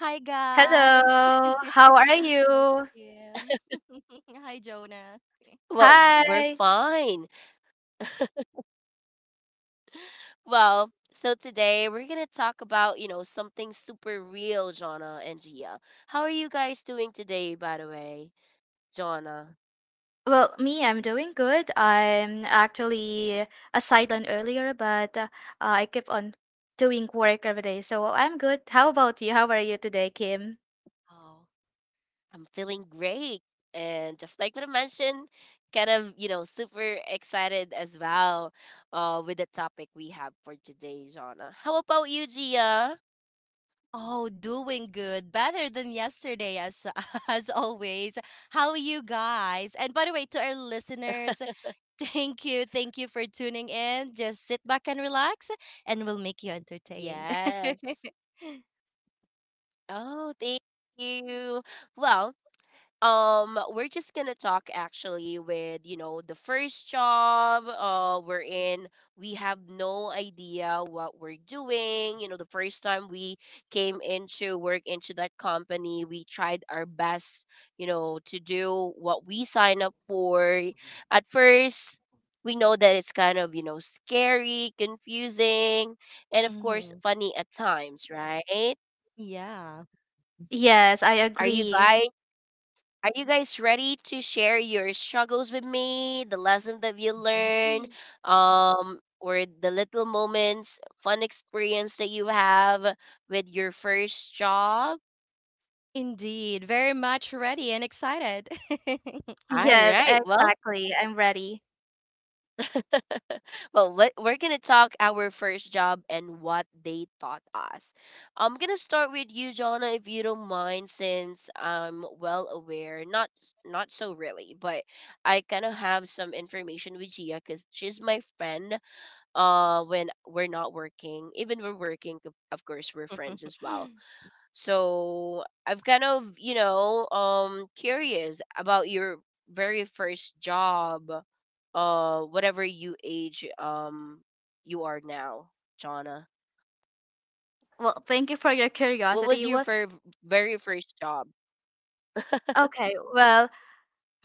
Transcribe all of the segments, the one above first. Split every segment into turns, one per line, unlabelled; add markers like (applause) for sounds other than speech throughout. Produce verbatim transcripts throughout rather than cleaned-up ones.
Hi guys.
Hello, how
(laughs)
are
Hi
you?
Kim. (laughs) Hi Jonah.
Hi. Well, me, I'm doing good. I'm actually a sideline earlier, but uh, I keep on doing work every day, so I'm good. How about you? How are you today, Kim?
Oh. Oh, doing good. Better than yesterday, as (laughs) as always. How are you guys? And by the way, to our listeners, (laughs) thank you. Thank you for tuning in. Just sit back and relax and we'll make you entertained. (laughs) Mhm. Yeah.
Yes, I agree.
(gasps) (laughs) Indeed. Very much ready and excited. (laughs)
Yes, exactly. I'm ready.
Mhm.
Well, thank you for your curiosity. Well, okay. Well,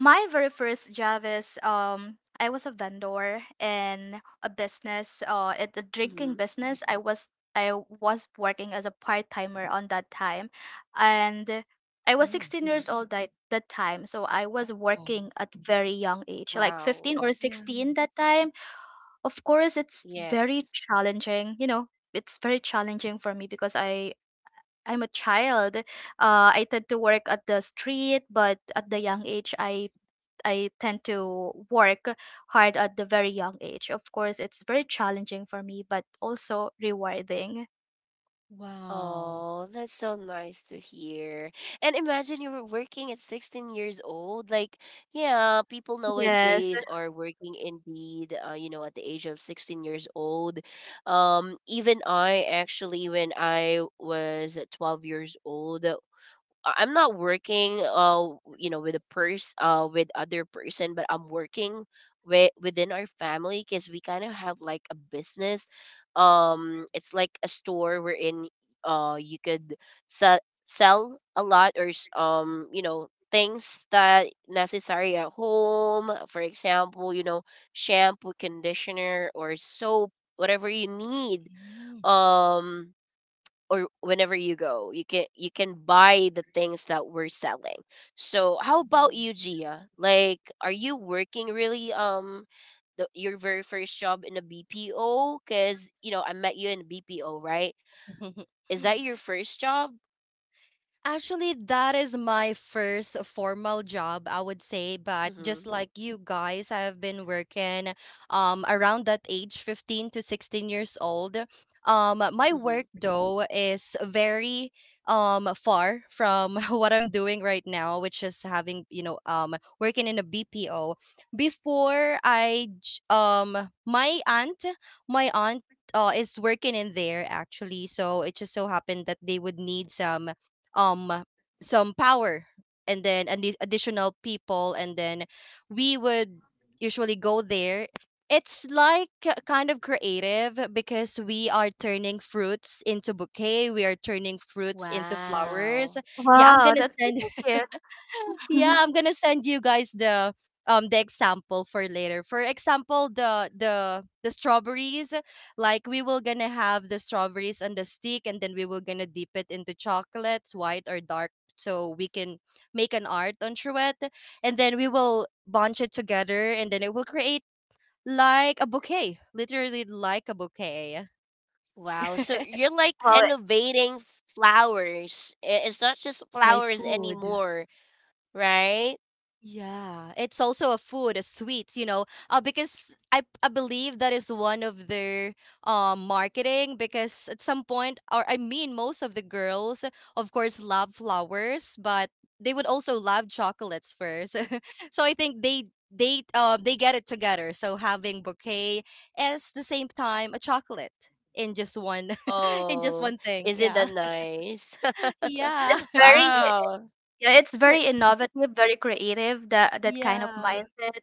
My very first job is um I was a vendor in a business uh at the drinking business. I was I was working as a part timer on that time, and I was sixteen years old at that time. So I was
Oh.
working at very young age, like fifteen or
Yeah.
sixteen that time. Of course, it's very challenging. You know, it's very challenging for me because I. I'm a child. Uh, I tend to work at the street, but at the young age, I I tend to work hard at the very young age. Of course, it's very challenging for me, but also rewarding.
Wow.
Yes.
Mm. (laughs) Actually, that is my first formal job, I would say. But just like you guys, I have been working um around that age, fifteen to sixteen years old. Um, my work though is very um far from (laughs) what I'm doing right now, which is having, you know, um working in a B P O. Before I j- um my aunt, my aunt uh, is working in there, actually, so it just so happened that they would need some um some power, and then addi- additional people, and then we would usually go there. It's like k- kind of creative because we are turning fruits into bouquet, we are turning fruits into flowers. yeah i'm
Wow,
gonna
that's good
send
to hear.
yeah,
(laughs)
I'm gonna send you guys the um the example for later. For example, the the the strawberries, like we will gonna have the strawberries on the stick, and then we will gonna dip it into chocolates, white or dark, so we can make an art onto it. And then we will bunch it together and then it will create like a bouquet. Literally like a bouquet. (laughs)
Wow, it-
By food. Yeah, it's also a food, a sweets, you know, uh, because I, I believe that is one of their um marketing, because at some point, or I mean, most of the girls, of course, love flowers, but they would also love chocolates first. (laughs) So I think they they uh, they get it together. So having bouquet as the same time a chocolate in just one (laughs) in just one thing. Yeah, (laughs) yeah,
it's very yeah, it's very
(laughs)
innovative, very creative. That that kind of
yeah,
mindset.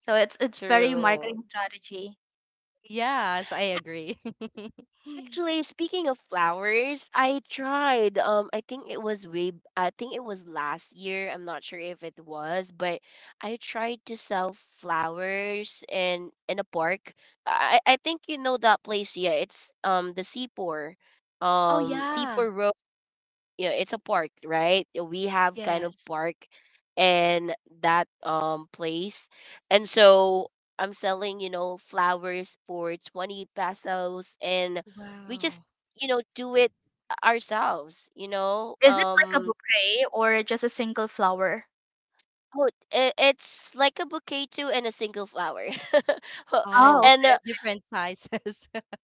So it's it's very marketing strategy.
yes, I agree. (laughs) Oh, yeah. Yes. Wow.
Is it like a bouquet or just a single flower? Oh,
Oh,
okay.
different sizes. (laughs)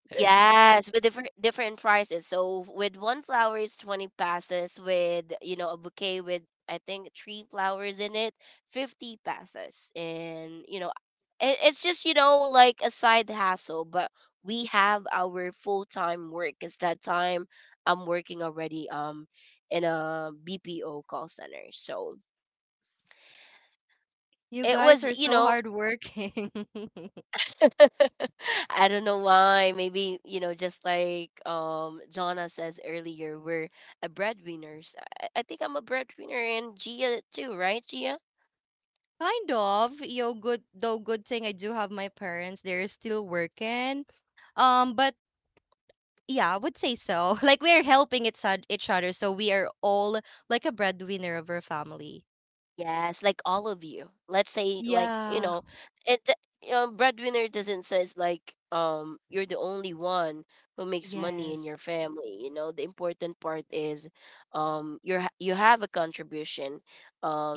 You guys are so hardworking. (laughs) Kind of. Yo, good though good thing I do have my parents. They're still working. Um, but yeah, I would say so. (laughs) Like we are helping each od- each other, so we are all like a breadwinner of our family. Yeah. Yes.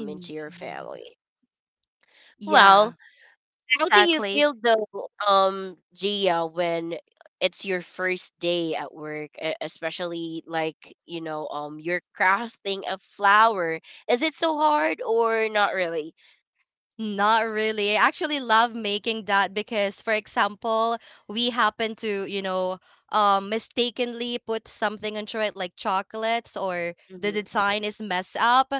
Indeed. Yeah.
Exactly.
Not really. I actually love making that because, for example, we happen to, you know, um, mistakenly put something into it, like chocolates, or the design is messed up.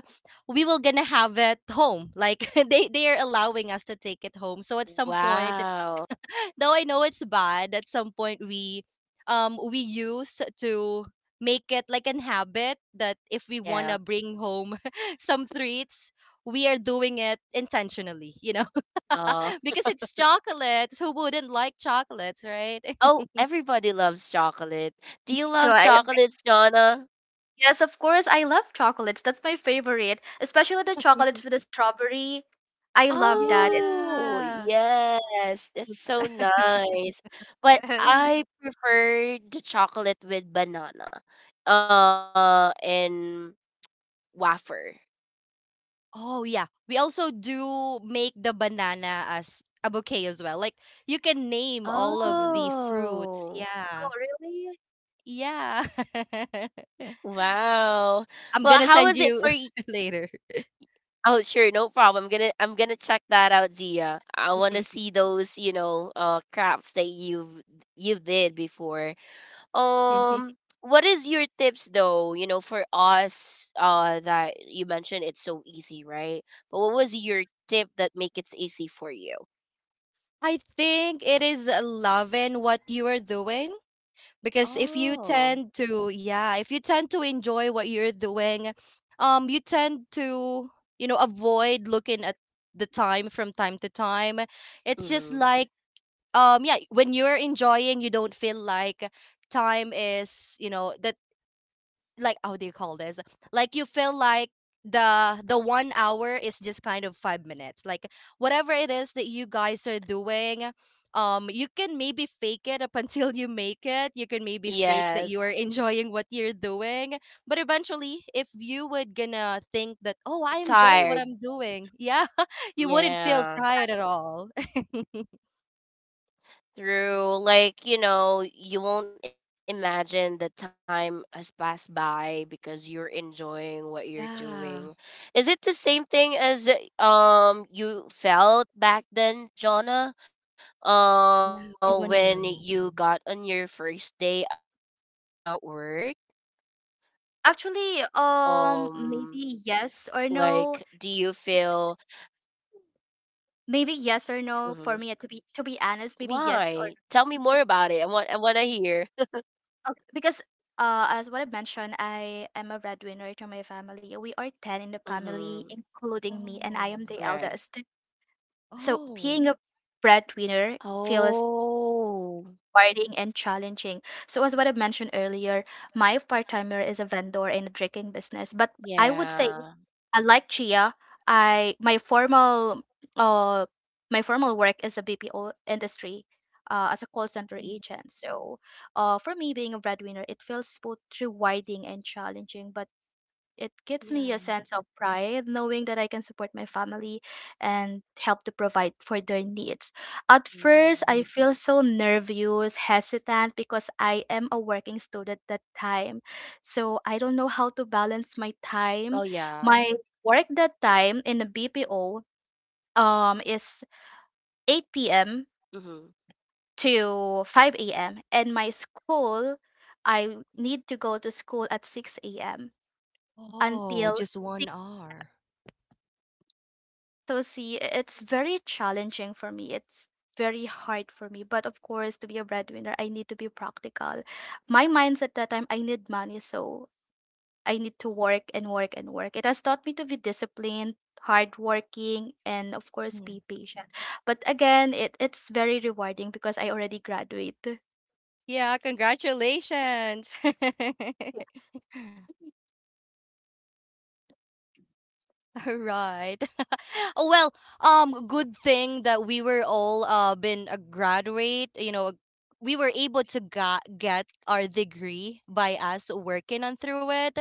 We will gonna have it home. Like (laughs) they they are allowing us to take it home. So at some point, though I know it's bad, at some point we um we use to make it like an habit that if we want to bring home (laughs) some treats, we are doing it intentionally, you know. (laughs) Because it's chocolates, who wouldn't like chocolates, right?
Me too. I
(laughs)
Yes, of course, I love chocolates. That's my favorite, especially the chocolates with the strawberry. I love that. It-
Yeah.
(laughs) Yes.
(laughs) Oh yeah. We also do make the banana as a bouquet as well. Like you can name all of the fruits.
Oh,
Yeah.
really?
Yeah. (laughs) I'm gonna send you (laughs) later. (laughs) I think it is uh, loving what you are doing, because if you tend to, yeah, if you tend to enjoy what you're doing, um, you tend to, you know, avoid looking at the time from time to time. It's just like, um, yeah, when you're enjoying, you don't feel like time is, you know, that, like, how do you call this, like, you feel like the the one hour is just kind of five minutes. Like whatever it is that you guys are doing, um you can maybe fake it up (laughs) until you make it. You can maybe fake that you are enjoying what you're doing, but eventually if you would gonna think that, oh, I enjoy what I'm doing, yeah, (laughs) you wouldn't feel tired at all. (laughs) Yeah, yeah, we want to know.
Actually, um, maybe yes or no. Maybe yes or no for me. To be to be honest, maybe yes or no. Because okay, because uh, as what I mentioned, I am a breadwinner to my family. We are ten in the family, including me, and
Oh.
I am the eldest. So
Oh.
being a breadwinner feels rewarding and challenging. So, as what I mentioned earlier, my part timer is a vendor in the drinking business. But I would say, I like Chia, I my formal uh my formal work is a B P O industry. Uh, as a call center
Mhm.
agent. So uh, for me being a breadwinner, it feels both rewarding and challenging. But it gives me a
Yeah.
sense of pride knowing that I can support my family and help to provide for their needs. At first, I feel so nervous, hesitant because I am a working student that time. So I don't know how to balance my time. My work that time in the B P O um is eight p m to five a m and my school, I need to go to school at six a m
Oh,
until
just one hour.
So see, i- it's very challenging for me. It's very hard for me. But of course, to be a breadwinner, I need to be practical. My mindset that time, I need money, so I need to work and work and work. It has taught me to be disciplined, hardworking, and of course,
Hmm.
be patient. But again, it it's very rewarding because I already graduate.
Yeah, congratulations.
Yeah.
(laughs)
Mhm.
All right. (laughs) Oh, well, um, good thing that we were all uh been a graduate, you know, we were able to ga- get our degree by us working on through it,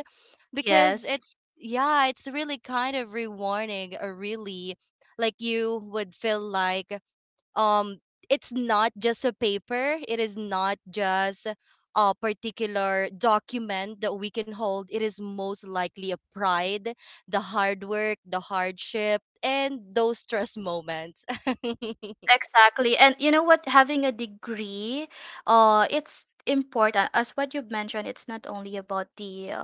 because
Yes,
it's, yeah, it's really kind of rewarding, uh, really, like you would feel like um it's not just a paper, it is not just a particular document that we can hold. It is most likely a pride, the hard work, the hardship, and those stress moments. (laughs)
exactly. And you know what? Having a degree, uh, it's important. As what you've mentioned, it's not only about the uh,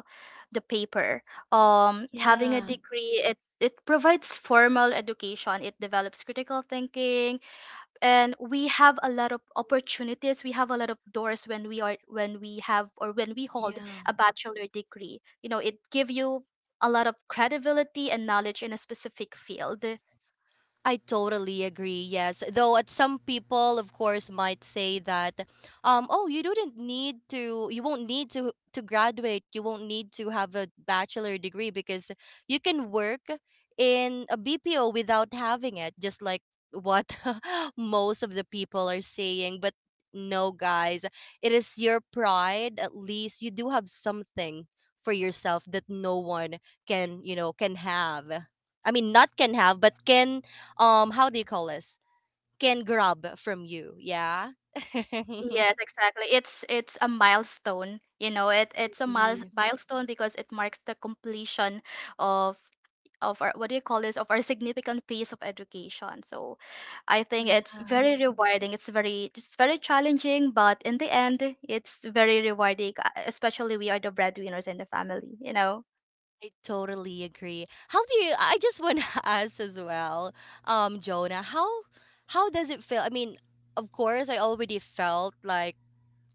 the paper. Um, having a
Yeah,
degree, it it provides formal education. It develops critical thinking, and we have a lot of opportunities, we have a lot of doors when we are, when we have or when we hold
yeah,
a bachelor degree. You know, it give you a lot of credibility and knowledge in a specific field.
I totally agree. Yes. Though at some people of course might say that, um oh, you didn't need to, you won't need to to graduate, you won't need to have a bachelor degree because you can work in a B P O without having it, just like what (laughs) most of the people are saying. But no guys, it is your pride. At least you do have something for yourself that no one can, you know, can have. I mean, not can have, but can um how do you call this, can grab from you. Yeah. (laughs)
Yes, exactly. It's it's a milestone, you know. It it's a mile,
Indeed.
milestone because it marks the completion of of our what do you call this, of our significant piece of education. So, I think
Yeah,
it's very rewarding. It's very, it's very challenging, but in the end, it's very rewarding. uh, Especially we are the breadwinners in the family, you know.
I totally agree. How do you, I just want to (laughs) ask as well, um, Jonah, how how does it feel? I mean, of course, I already felt like,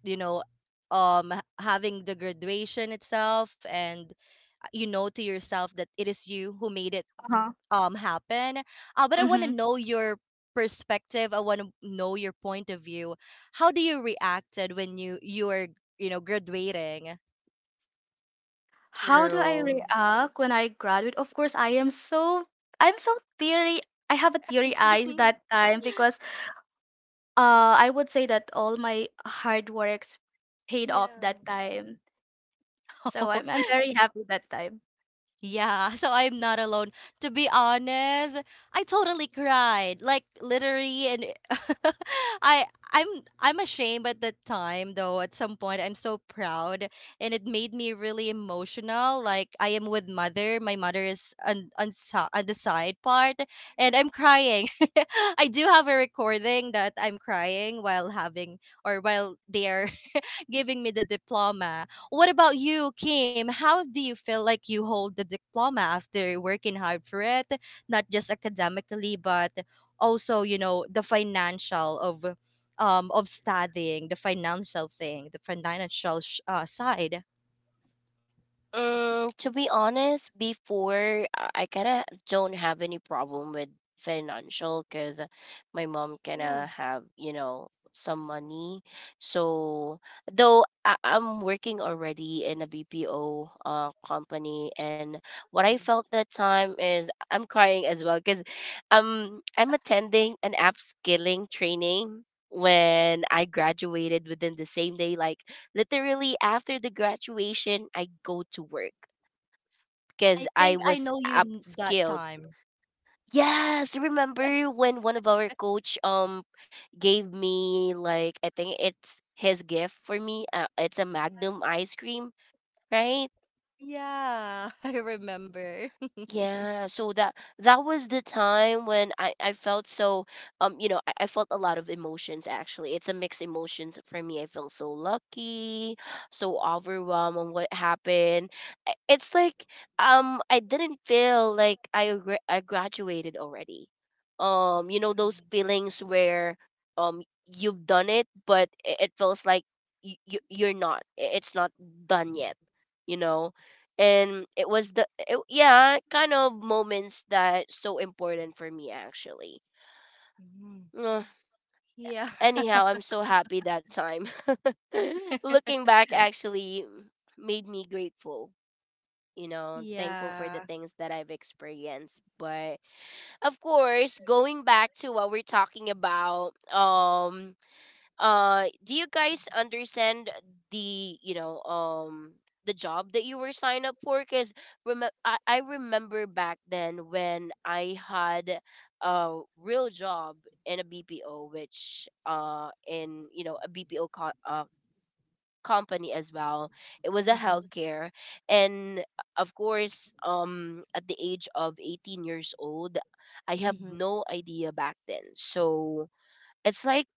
you know, um, h- having the graduation itself, and uh, you know, to yourself that it is you who made it
Uh-huh.
um happen. Uh, but I want to
Mm-hmm.
know your perspective. I want to know your point of view. How do you reacted when you you were, you know, graduating?
How do I
True.
react when I graduate? Of course, I am so I'm so teary. I have a teary eyes that
(laughs)
time because Uh, I would say that all my hard works paid off
Yeah.
that time. So I'm I'm very happy that time.
Yeah, (laughs) so I'm not alone. To be honest, I totally cried. Like literally, and (laughs) I I'm I'm ashamed at that time, though. At some point, I'm so proud, and it made me really emotional. Like I am with mother, my mother is on on, si- on the side part, and I'm crying. (laughs) I do have a recording that I'm crying while having, or while they are giving me the diploma. What about you, Kim? How do you feel like you hold the diploma after working hard for it, not just academically, but also, you know, the financial of um of studying, the financial thing, the financial sh- uh, side.
Mm, to be honest, before uh, I kind of don't have any problem with financial because my mom kind
Mm.
of have, you know, some money. So, though I I'm working already in a B P O uh company, and what I felt that time is I'm crying as well because um I'm attending an upskilling training when I graduated within the same day. Like literally after the graduation, I go to work
I
because
think
I
I
was
know you n- that
upskilled.
time.
Yes, remember when one of our coach um gave me, like, I think it's his gift for me. Uh, it's a Magnum ice cream, right?
Yeah, (laughs) I remember. (laughs)
Yeah, so that that was the time when I I felt so um you know I, I felt a lot of emotions actually. It's a mixed emotions for me. I felt so lucky, so overwhelmed on what happened. I- It's like um I didn't feel like I gra- I graduated already. Um you know those feelings where um you've done it but it, it feels like you, you are not. I- It's not done yet, you know, and it was the uh, yeah, kind of moments that so important for me actually.
Mhm.
Ugh.
Yeah.
Anyhow,
(laughs)
I'm so happy that time. (laughs) Looking back actually made me grateful, you know, thankful for
Yeah.
the things that I've experienced. But of course, going back to what we're talking about, um uh do you guys understand the, you know, um the job that you were signed up for? Because rem- I-, I remember back then when I had a real job in a bpo, which uh in, you know, a bpo co- uh, company as well. It was a
Mhm.
healthcare, and of course um at the age of eighteen years old I have
Mhm.
no idea back then. So it's like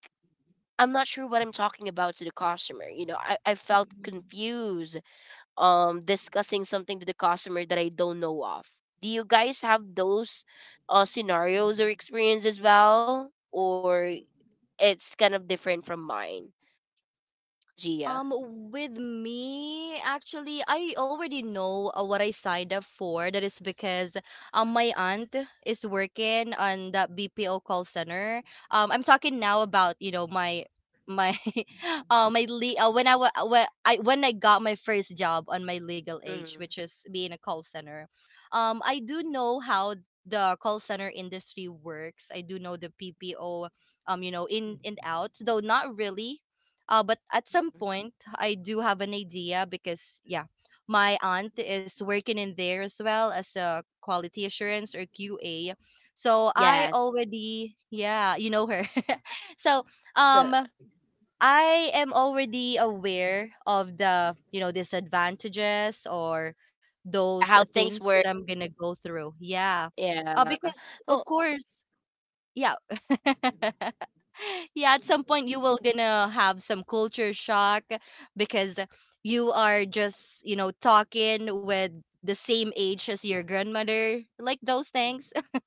I'm not sure what I'm talking about to the customer. You know, I, I felt
Mhm.
confused um discussing something to the customer that I don't know of. Do you guys have those uh, scenarios or experience as well? Or it's kind of different from mine, Gia?
Um, with me, actually, I already know uh, what I signed up for. That is because um, my aunt is working on that B P O call center. Um, I'm talking now about, you know, my my (laughs) uh my le- uh, when I wa- uh, when I when I got my first job on my legal age,
Mm-hmm.
which is being a call center. Um, I do know how the call center industry works. I do know the P P O um you know, in and out, though not really, uh, but at some
Mm-hmm.
point, I do have an idea, because, yeah, my aunt is working in there as well as a quality assurance, or Q A. So I
Yes.
already, yeah, you know her. (laughs) So um,
(laughs)
I am already aware of the, you know, disadvantages or those
Yeah, how
things
things
that
work.
I'm gonna go through. Yeah,
Yeah.
uh, because of
Well,
course, yeah, yeah, at some point you will gonna have some culture shock because you are just, you know, talking with the same age as your grandmother, like those things. (laughs)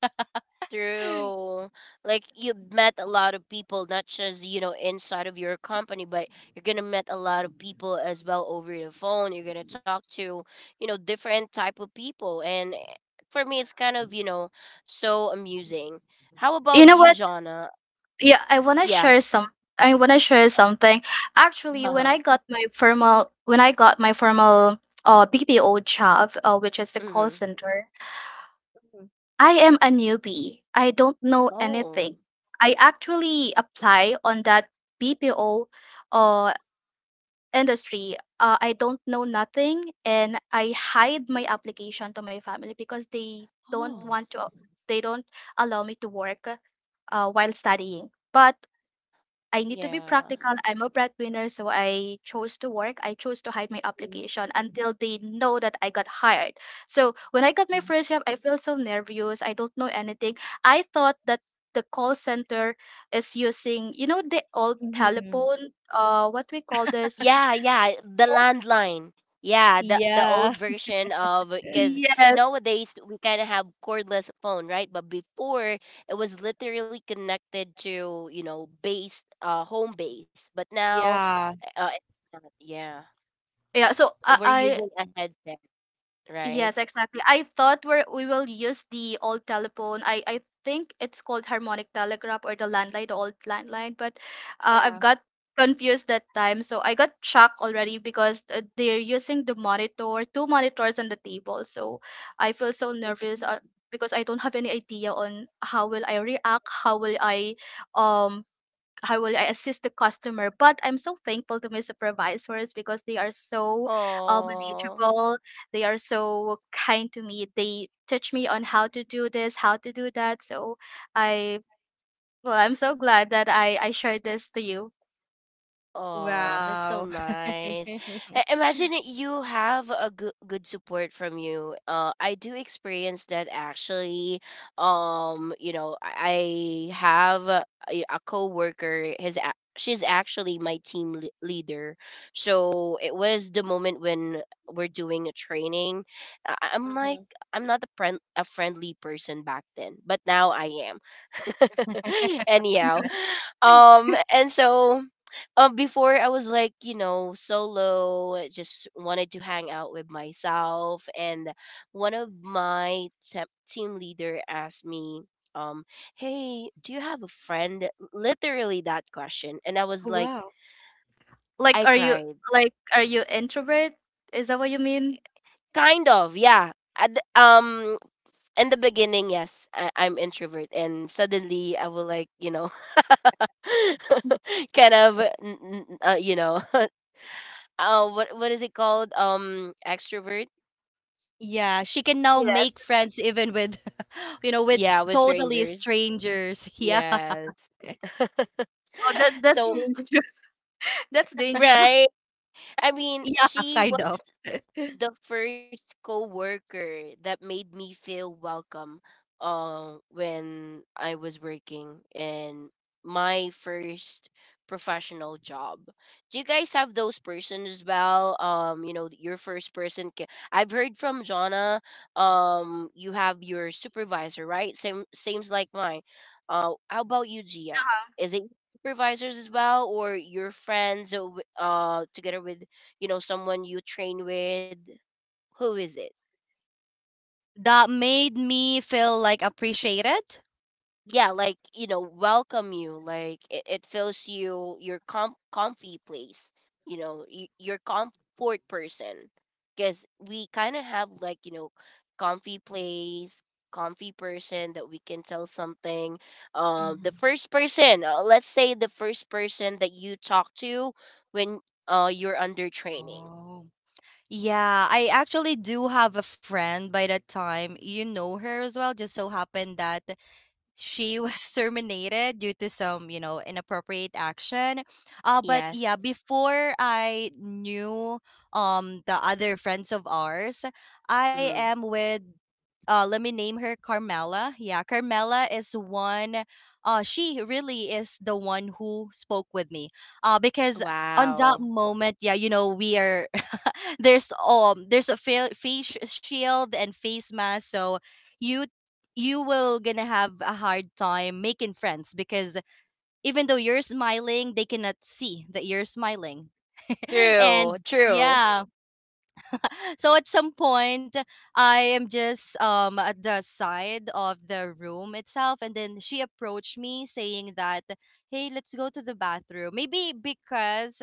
true. Like, you met a lot of people, not just, you know, inside of your company, but you're gonna met a lot of people as well over the phone. You're gonna talk to, you know, different type of people. And eh, for me it's kind of, you know, so amusing. How
You
about
know
you,
what?
Jonna?
Yeah, I wanna
Yeah.
share some I wanna share
uh,
something.
Yeah.
Actually,
Oh.
when
Uh-huh.
I got my formal when I got my formal uh B P O job, uh, which is the call
Mm-hmm.
center,
Mhm.
I am a newbie. I don't know anything.
Oh.
I actually apply on that B P O uh industry. uh, I don't know nothing and I hide my application to my family because they don't
Oh.
Oh.
want to, they don't allow me to work uh, while studying. But I need to be
Yeah.
practical. I'm a breadwinner, so I chose to work. I chose to hide my application until they know that I got hired. So when I got my first job, I feel so nervous. I don't know anything. I thought that the call center is using, you know, the old
Mhm. Mhm.
telephone, uh, what we call this.
Yeah, yeah, the landline. Yeah, the the old
Yeah.
version of, because
Yes.
nowadays we kind of have cordless phone, right? But before it was literally connected to, you know, base, uh, home base. But now,
Yeah.
uh, it's not. Yeah,
Yeah. So
we're
I,
using
I
a headset, right?
yes, exactly. I thought we we will use the old telephone. I I think it's called harmonic telegraph or the landline, the old landline. But uh, I've
Yeah.
got confused that time, so I got shocked already because uh, they're using the monitor, two monitors on the table. So I feel so nervous. Uh, because I don't have any idea on how will I react, how will I um how will I assist the customer? But I'm so thankful to my supervisors because they are so uh,
Oh.
manageable. They are so kind to me. They teach me on how to do this, how to do that. So I well, I'm so glad that I I shared this to you.
Oh, that's so
Wow.
nice.
(laughs)
I- imagine that you have a good good support from you. Uh, I do experience that actually. Um, you know, I I have a, a a coworker. His a- she's actually my team lea- leader. So it was the moment when we're doing a training. I- I'm like
Mhm.
I'm not a friend a friendly person back then, but now I am. (laughs) Anyhow, um, and so um, before I was like, you know, solo, just wanted to hang out with myself. And one of my te- team leader asked me, um, hey, do you have a friend? Literally that question. And I was like,
Wow.
Like,
I
are you
cried.
like, are you introvert? Is that what you mean?
Kind of, yeah. At the- um, in the beginning, yes, I- I'm introvert. And suddenly I will like, you know, (laughs) kind of, n- n- uh, you know, (laughs) uh, what what is it called? Um, extrovert.
Yeah, she can now
Yes.
make friends even with (laughs) you know, with
Yeah, with
totally
strangers.
strangers. (laughs) Yeah,
Yes. (laughs)
Oh, that that's
So
dangerous. (laughs) that's dangerous.
right. I mean,
yeah,
she
kind of.
was
(laughs)
the first coworker that made me feel welcome uh, when I was working in my first professional job. Do you guys have those person as well? Um, you know, your first person. Ca- I've heard from Jonna. Um, you have your supervisor, right? Same, seems like mine. Uh, how about you, Gia? Is it supervisors as well, or your friends? Uh, w- uh, together with, you know, someone you train with, who is it?
That made me feel like appreciated.
Yeah, like, you know, welcome you, like it, it fills you your com- comfy place, you know, y- your comfort person, because we kind of have, like, you know, comfy place, comfy person that we can tell something, um
Mhm.
the first person, uh, let's say the first person that you talk to when uh you're under training.
Oh. Yeah, I actually do have a friend by that time. You know her as well. Just so happened that she was (laughs) terminated due to some, you know, inappropriate action. Uh, but
Yes.
yeah, before I knew um the other friends of ours, I
Mm-hmm.
am with, uh let me name her Carmela. Yeah, Carmela is one, uh she really is the one who spoke with me. Uh, because on that
Wow.
moment, yeah, you know, we are (laughs) there's um there's a fa- face shield and face mask, so you you will gonna have a hard time making friends because even though you're smiling, they cannot see that you're smiling. (laughs) And
True, true.
yeah, so at some point, I am just um at the side of the room itself, and then she approached me, saying that, hey, let's go to the bathroom, maybe because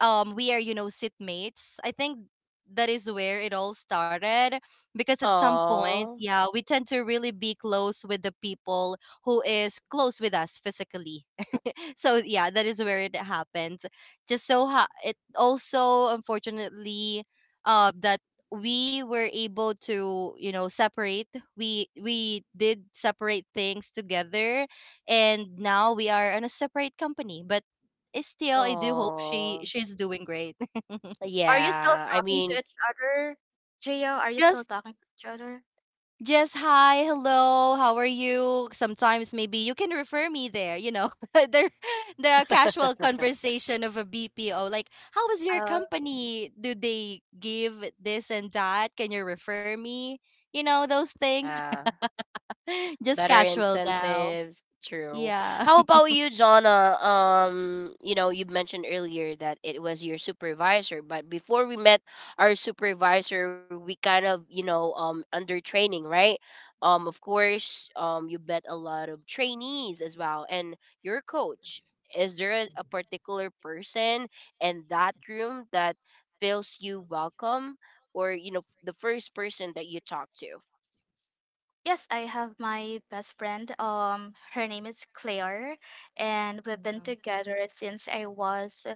um we are, you know, sitmates, I think. That is where it all started, because at some point,
Oh.
yeah, we tend to really be close with the people who is close with us physically. (laughs) So yeah, that is where it happened. Just so ha- it also unfortunately, uh, that we were able to, you know, separate. We we did separate things together, and now we are on a separate company, but still, I do hope she,
Oh,
she's doing great. (laughs)
Are you still
yeah. I
talking to
mean,
each other, Gio? Are you
just
still talking to each other?
just hi, hello, how are you? Sometimes maybe you can refer me there, you know. (laughs) the the casual
(laughs)
conversation of a B P O, like how is your company? Do they give this and that? Can you refer me? You know, those things.
yeah.
(laughs) Just
Better
casual now.
incentives. True.
Yeah.
How about you, Jonna? Um, you know, you mentioned earlier that it was your supervisor, but before we met our supervisor, we kind of, you know, um, under training, right? Um, of course, um, you met a lot of
(laughs)
trainees as well, and your coach. Is there a, a particular person in that room that feels you welcome, or, you know, the first person that you talk to?
Yes, I have my best friend. Um, her name is Claire, and we've been
Wow.
together since I was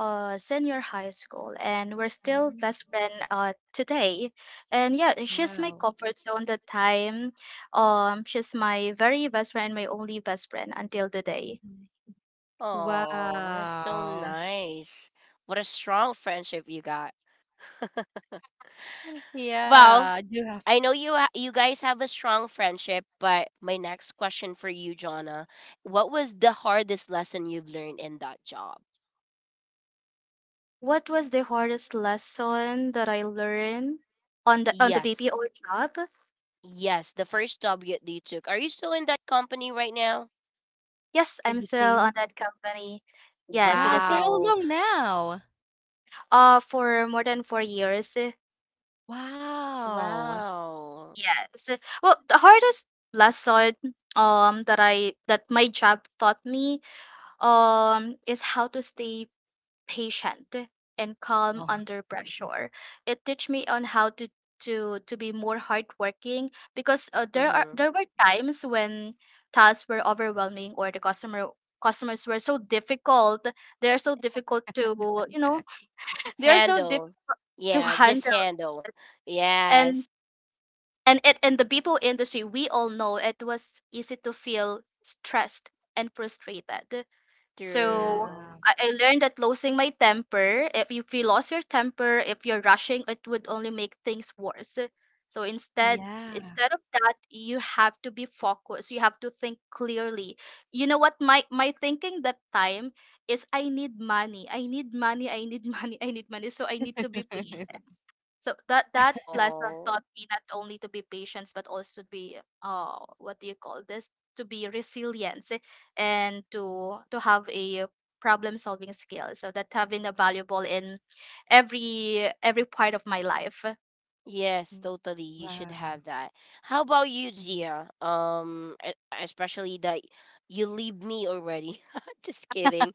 uh senior high school, and we're still
Mhm.
best friend uh today. And yeah, she's my
Wow.
comfort zone the time. Um, she's my very best friend, my only best friend until the day.
Oh, that's so
Wow.
nice. What a strong friendship you got. (laughs)
Yeah, I
Well,
do have
I know you ha- you guys have a strong friendship, but my next question for you, Jonna, what was the hardest lesson you've learned in that job?
What was the hardest lesson that I learned on the on the B P O
Yes.
job?
Yes, the first job you, that you took. Are you still in that company right now?
Yes,
in
I'm
the
still
same.
on that company. Yes, with the
Wow, for
same
how
Wow.
long now?
Uh, for more than four years. eh,
Wow.
Wow.
Yes. Well, the hardest lesson um that I that my job taught me um is how to stay patient and calm
Oh,
under pressure. It teach me on how to to to be more hardworking because uh, there are,
Mhm.
there were times when tasks were overwhelming or the customer customers were so difficult. They are so difficult to you know, (laughs) they are so
Handle.
difficult to (laughs)
Yeah, just
handle.
handle. Yes.
and And it in the B P O industry, we all know it was easy to feel stressed and frustrated. So
True.
yeah.
I, I learned that losing my temper, if you, if you lost your temper, if you're rushing, it would only make things worse. So instead,
Yeah.
instead of that, you have to be focused. You have to think clearly. You know what? My my thinking that time is I need money. I need money. I need (laughs) money. I need money. So I need to be patient. So that that lesson
Oh.
taught me not only to be patient, but also to be uh what do you call this? To be resilient, eh, and to to have a problem solving skill. So that have been a valuable in every every part of my life.
Yes, totally.
Wow.
You should have that. How about
Mhm.
you, Gia? Um, e- especially that you leave me already. (laughs) Just kidding.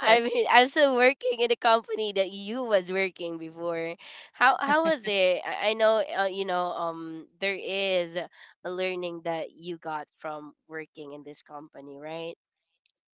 Eh,
mean, I'm still working in the company that you was working before. How how was it? I, I know, uh, you know, um, there is a learning that you got from working in this company, right?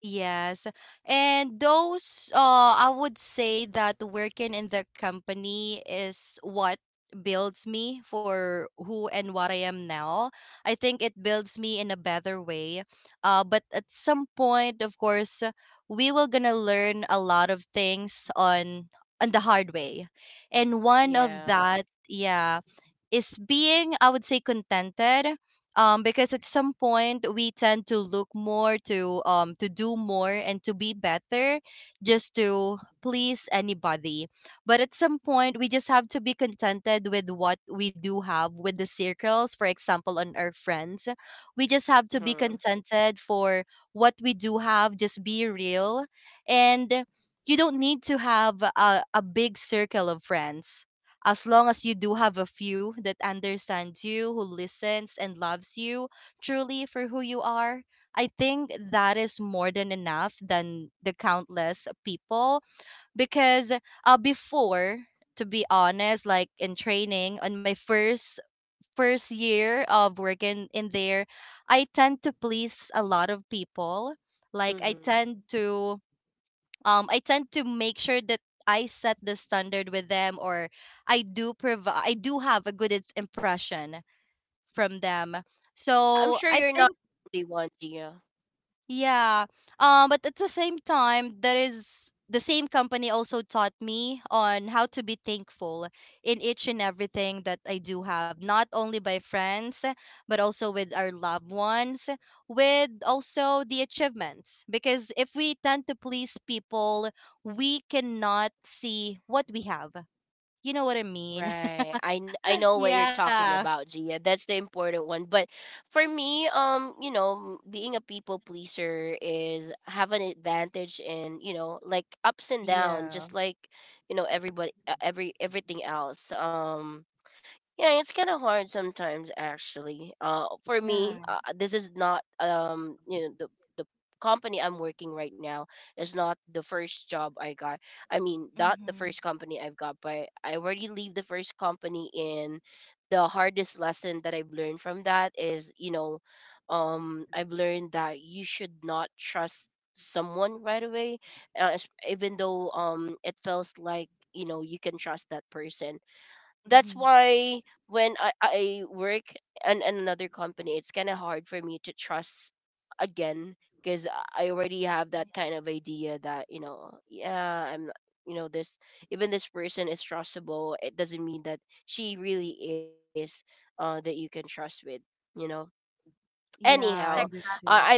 yes. And those, uh, I would say that working in the company is what builds me for who and what I am now. I think it builds me in a better way. Uh, but at some point, of course, we will gonna learn a lot of things on on the hard way. And one of
Yeah.
that, yeah, is being, I would say, contented, um, because at some point we tend to look more to um, to do more and to be better just to please anybody, but at some point we just have to be contented with what we do have. With the circles, for example, on our friends, we just have to be
Mhm.
contented for what we do have. Just be real, and you don't need to have a, a big circle of friends. As long as you do have a few that understands you, who listens and loves you truly for who you are, I think that is more than enough than the countless people. Because uh, before, to be honest, like in training, on my first first year of working in there, I tend to please a lot of people. Like I
Mhm.
tend to um I tend to make sure that I set the standard with them, or I do provide I do have a good i- impression from them.
Yeah, I'm
So
sure
I
you're not
think
the only one, Gia.
yeah. Um, but at the same time, that is the same company also taught me on how to be thankful in each and everything that I do have, not only by friends, but also with our loved ones, with also the achievements. Because if we tend to please people, we cannot see what we have. You know what I mean?
Right. I kn- I
(laughs)
know what you're
Yeah.
talking about, Gia. That's the important one. But for me, um, you know, m- being a people pleaser is have an advantage in, you know, like ups and down,
Yeah.
just like, you know, everybody uh, every everything else. Um yeah, it's kind of hard sometimes actually. Uh for me,
Yeah.
uh, this is not um you know the the company I'm working right now is not the first job I got. I mean, not the
Mm-hmm.
first company I've got, but I already leave the first company. In the hardest lesson that I've learned from that is, you know, um I've learned that you should not trust someone right away, uh, es- even though um it feels like, you know, you can trust that person. That's
Mm-hmm.
why when I, I work in, in another company, it's kind of hard for me to trust again, because I already have that kind of idea that, you know, yeah, I'm not, you know, this even this person is trustable. It doesn't mean that she really is uh that you can trust with. You know. Anyhow,
Yeah,
Like
I I
understood.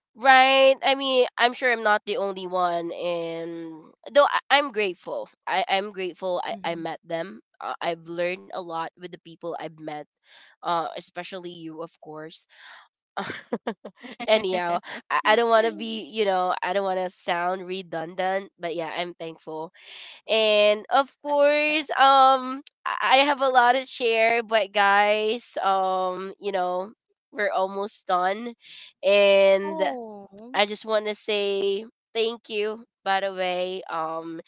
right. I mean, I'm sure I'm not the only one, and though I, I'm grateful. I I'm grateful. I I met them. Uh, I've learned a lot with the people I've met, uh, especially you, of course. (laughs) Anyhow,
Mm-hmm. (laughs)
I, I don't want to be, you know, I don't want to sound redundant, but yeah, I'm thankful. And of course, um, I I have a lot to share, but guys, um, you know, we're almost done, and
Oh.
I just want to say thank you, by the way, um,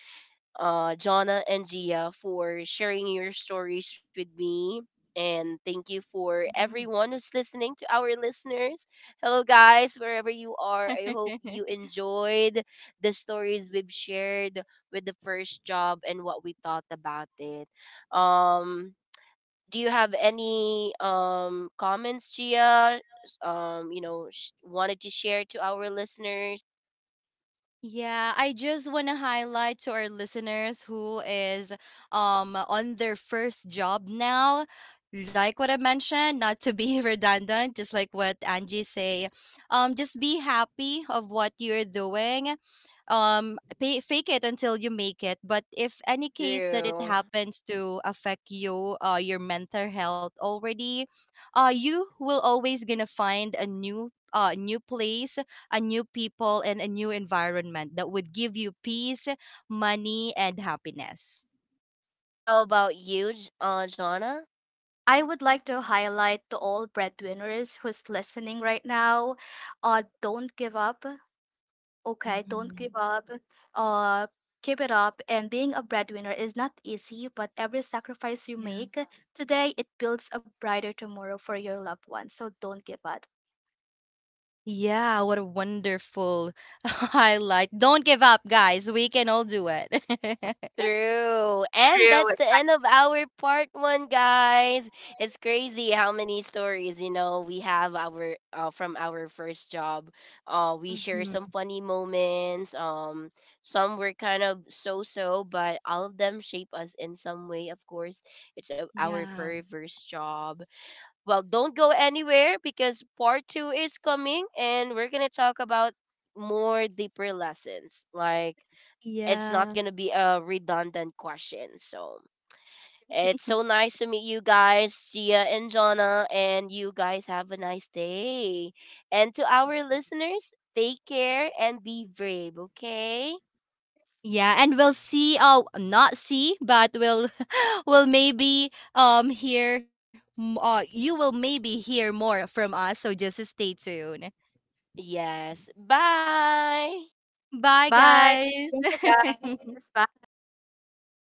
uh, Jonna and Gia, for sharing your stories with me. And thank you for
Mhm.
everyone who's listening to our listeners. Hello, guys, wherever you are. I hope
(laughs)
you enjoyed the stories we've shared with the first job and what we thought about it. Um, do you have any um comments, Gia? Um, you know, sh- wanted to share to our listeners.
Yeah, I just want to highlight to our listeners who is um on their first job now. Like what I mentioned, not to be (laughs) redundant, just like what Angie say, um, just be happy of what you're doing. Um, pay, fake it until you make it. But if any case that it
Through.
happens to affect you, uh, your mental health already, uh, you will always gonna find a new, uh, new place, a new people, and a new environment that would give you peace, money, and happiness.
How about you, J- uh, Jonna?
I would like to highlight to all breadwinners who's listening right now, uh, don't give up. Okay, don't
Mhm.
give up. Uh, Keep it up. And being a breadwinner is not easy, but every sacrifice you
Yeah.
make today, it builds a brighter tomorrow for your loved ones. So don't give up.
Yeah, what a wonderful (laughs) highlight. Don't give up, guys. We can all do it. (laughs)
True. And that's the end of our part one, guys. It's crazy how many stories, you know, we have our uh, from our first job. Uh, we share
Mhm.
some funny moments. Um, some were kind of so-so, but all of them shape us in some way. Of course, it's uh, our
Yeah.
very first job. Well, don't go anywhere because part two is coming and we're going to talk about more deeper lessons. Like, it's not
Yeah.
going to be a redundant question. So, it's so nice to meet you guys, Gia and Jonna, and you guys have a nice day. And to our listeners, take care and be brave, okay?
Yeah, and we'll see, uh not see, but we'll (laughs) we'll maybe um hear m- uh you will maybe hear more from us, so just stay tuned.
Yes. Bye.
Bye,
Bye. Thank you,
guys.
guys.
(laughs)
Bye.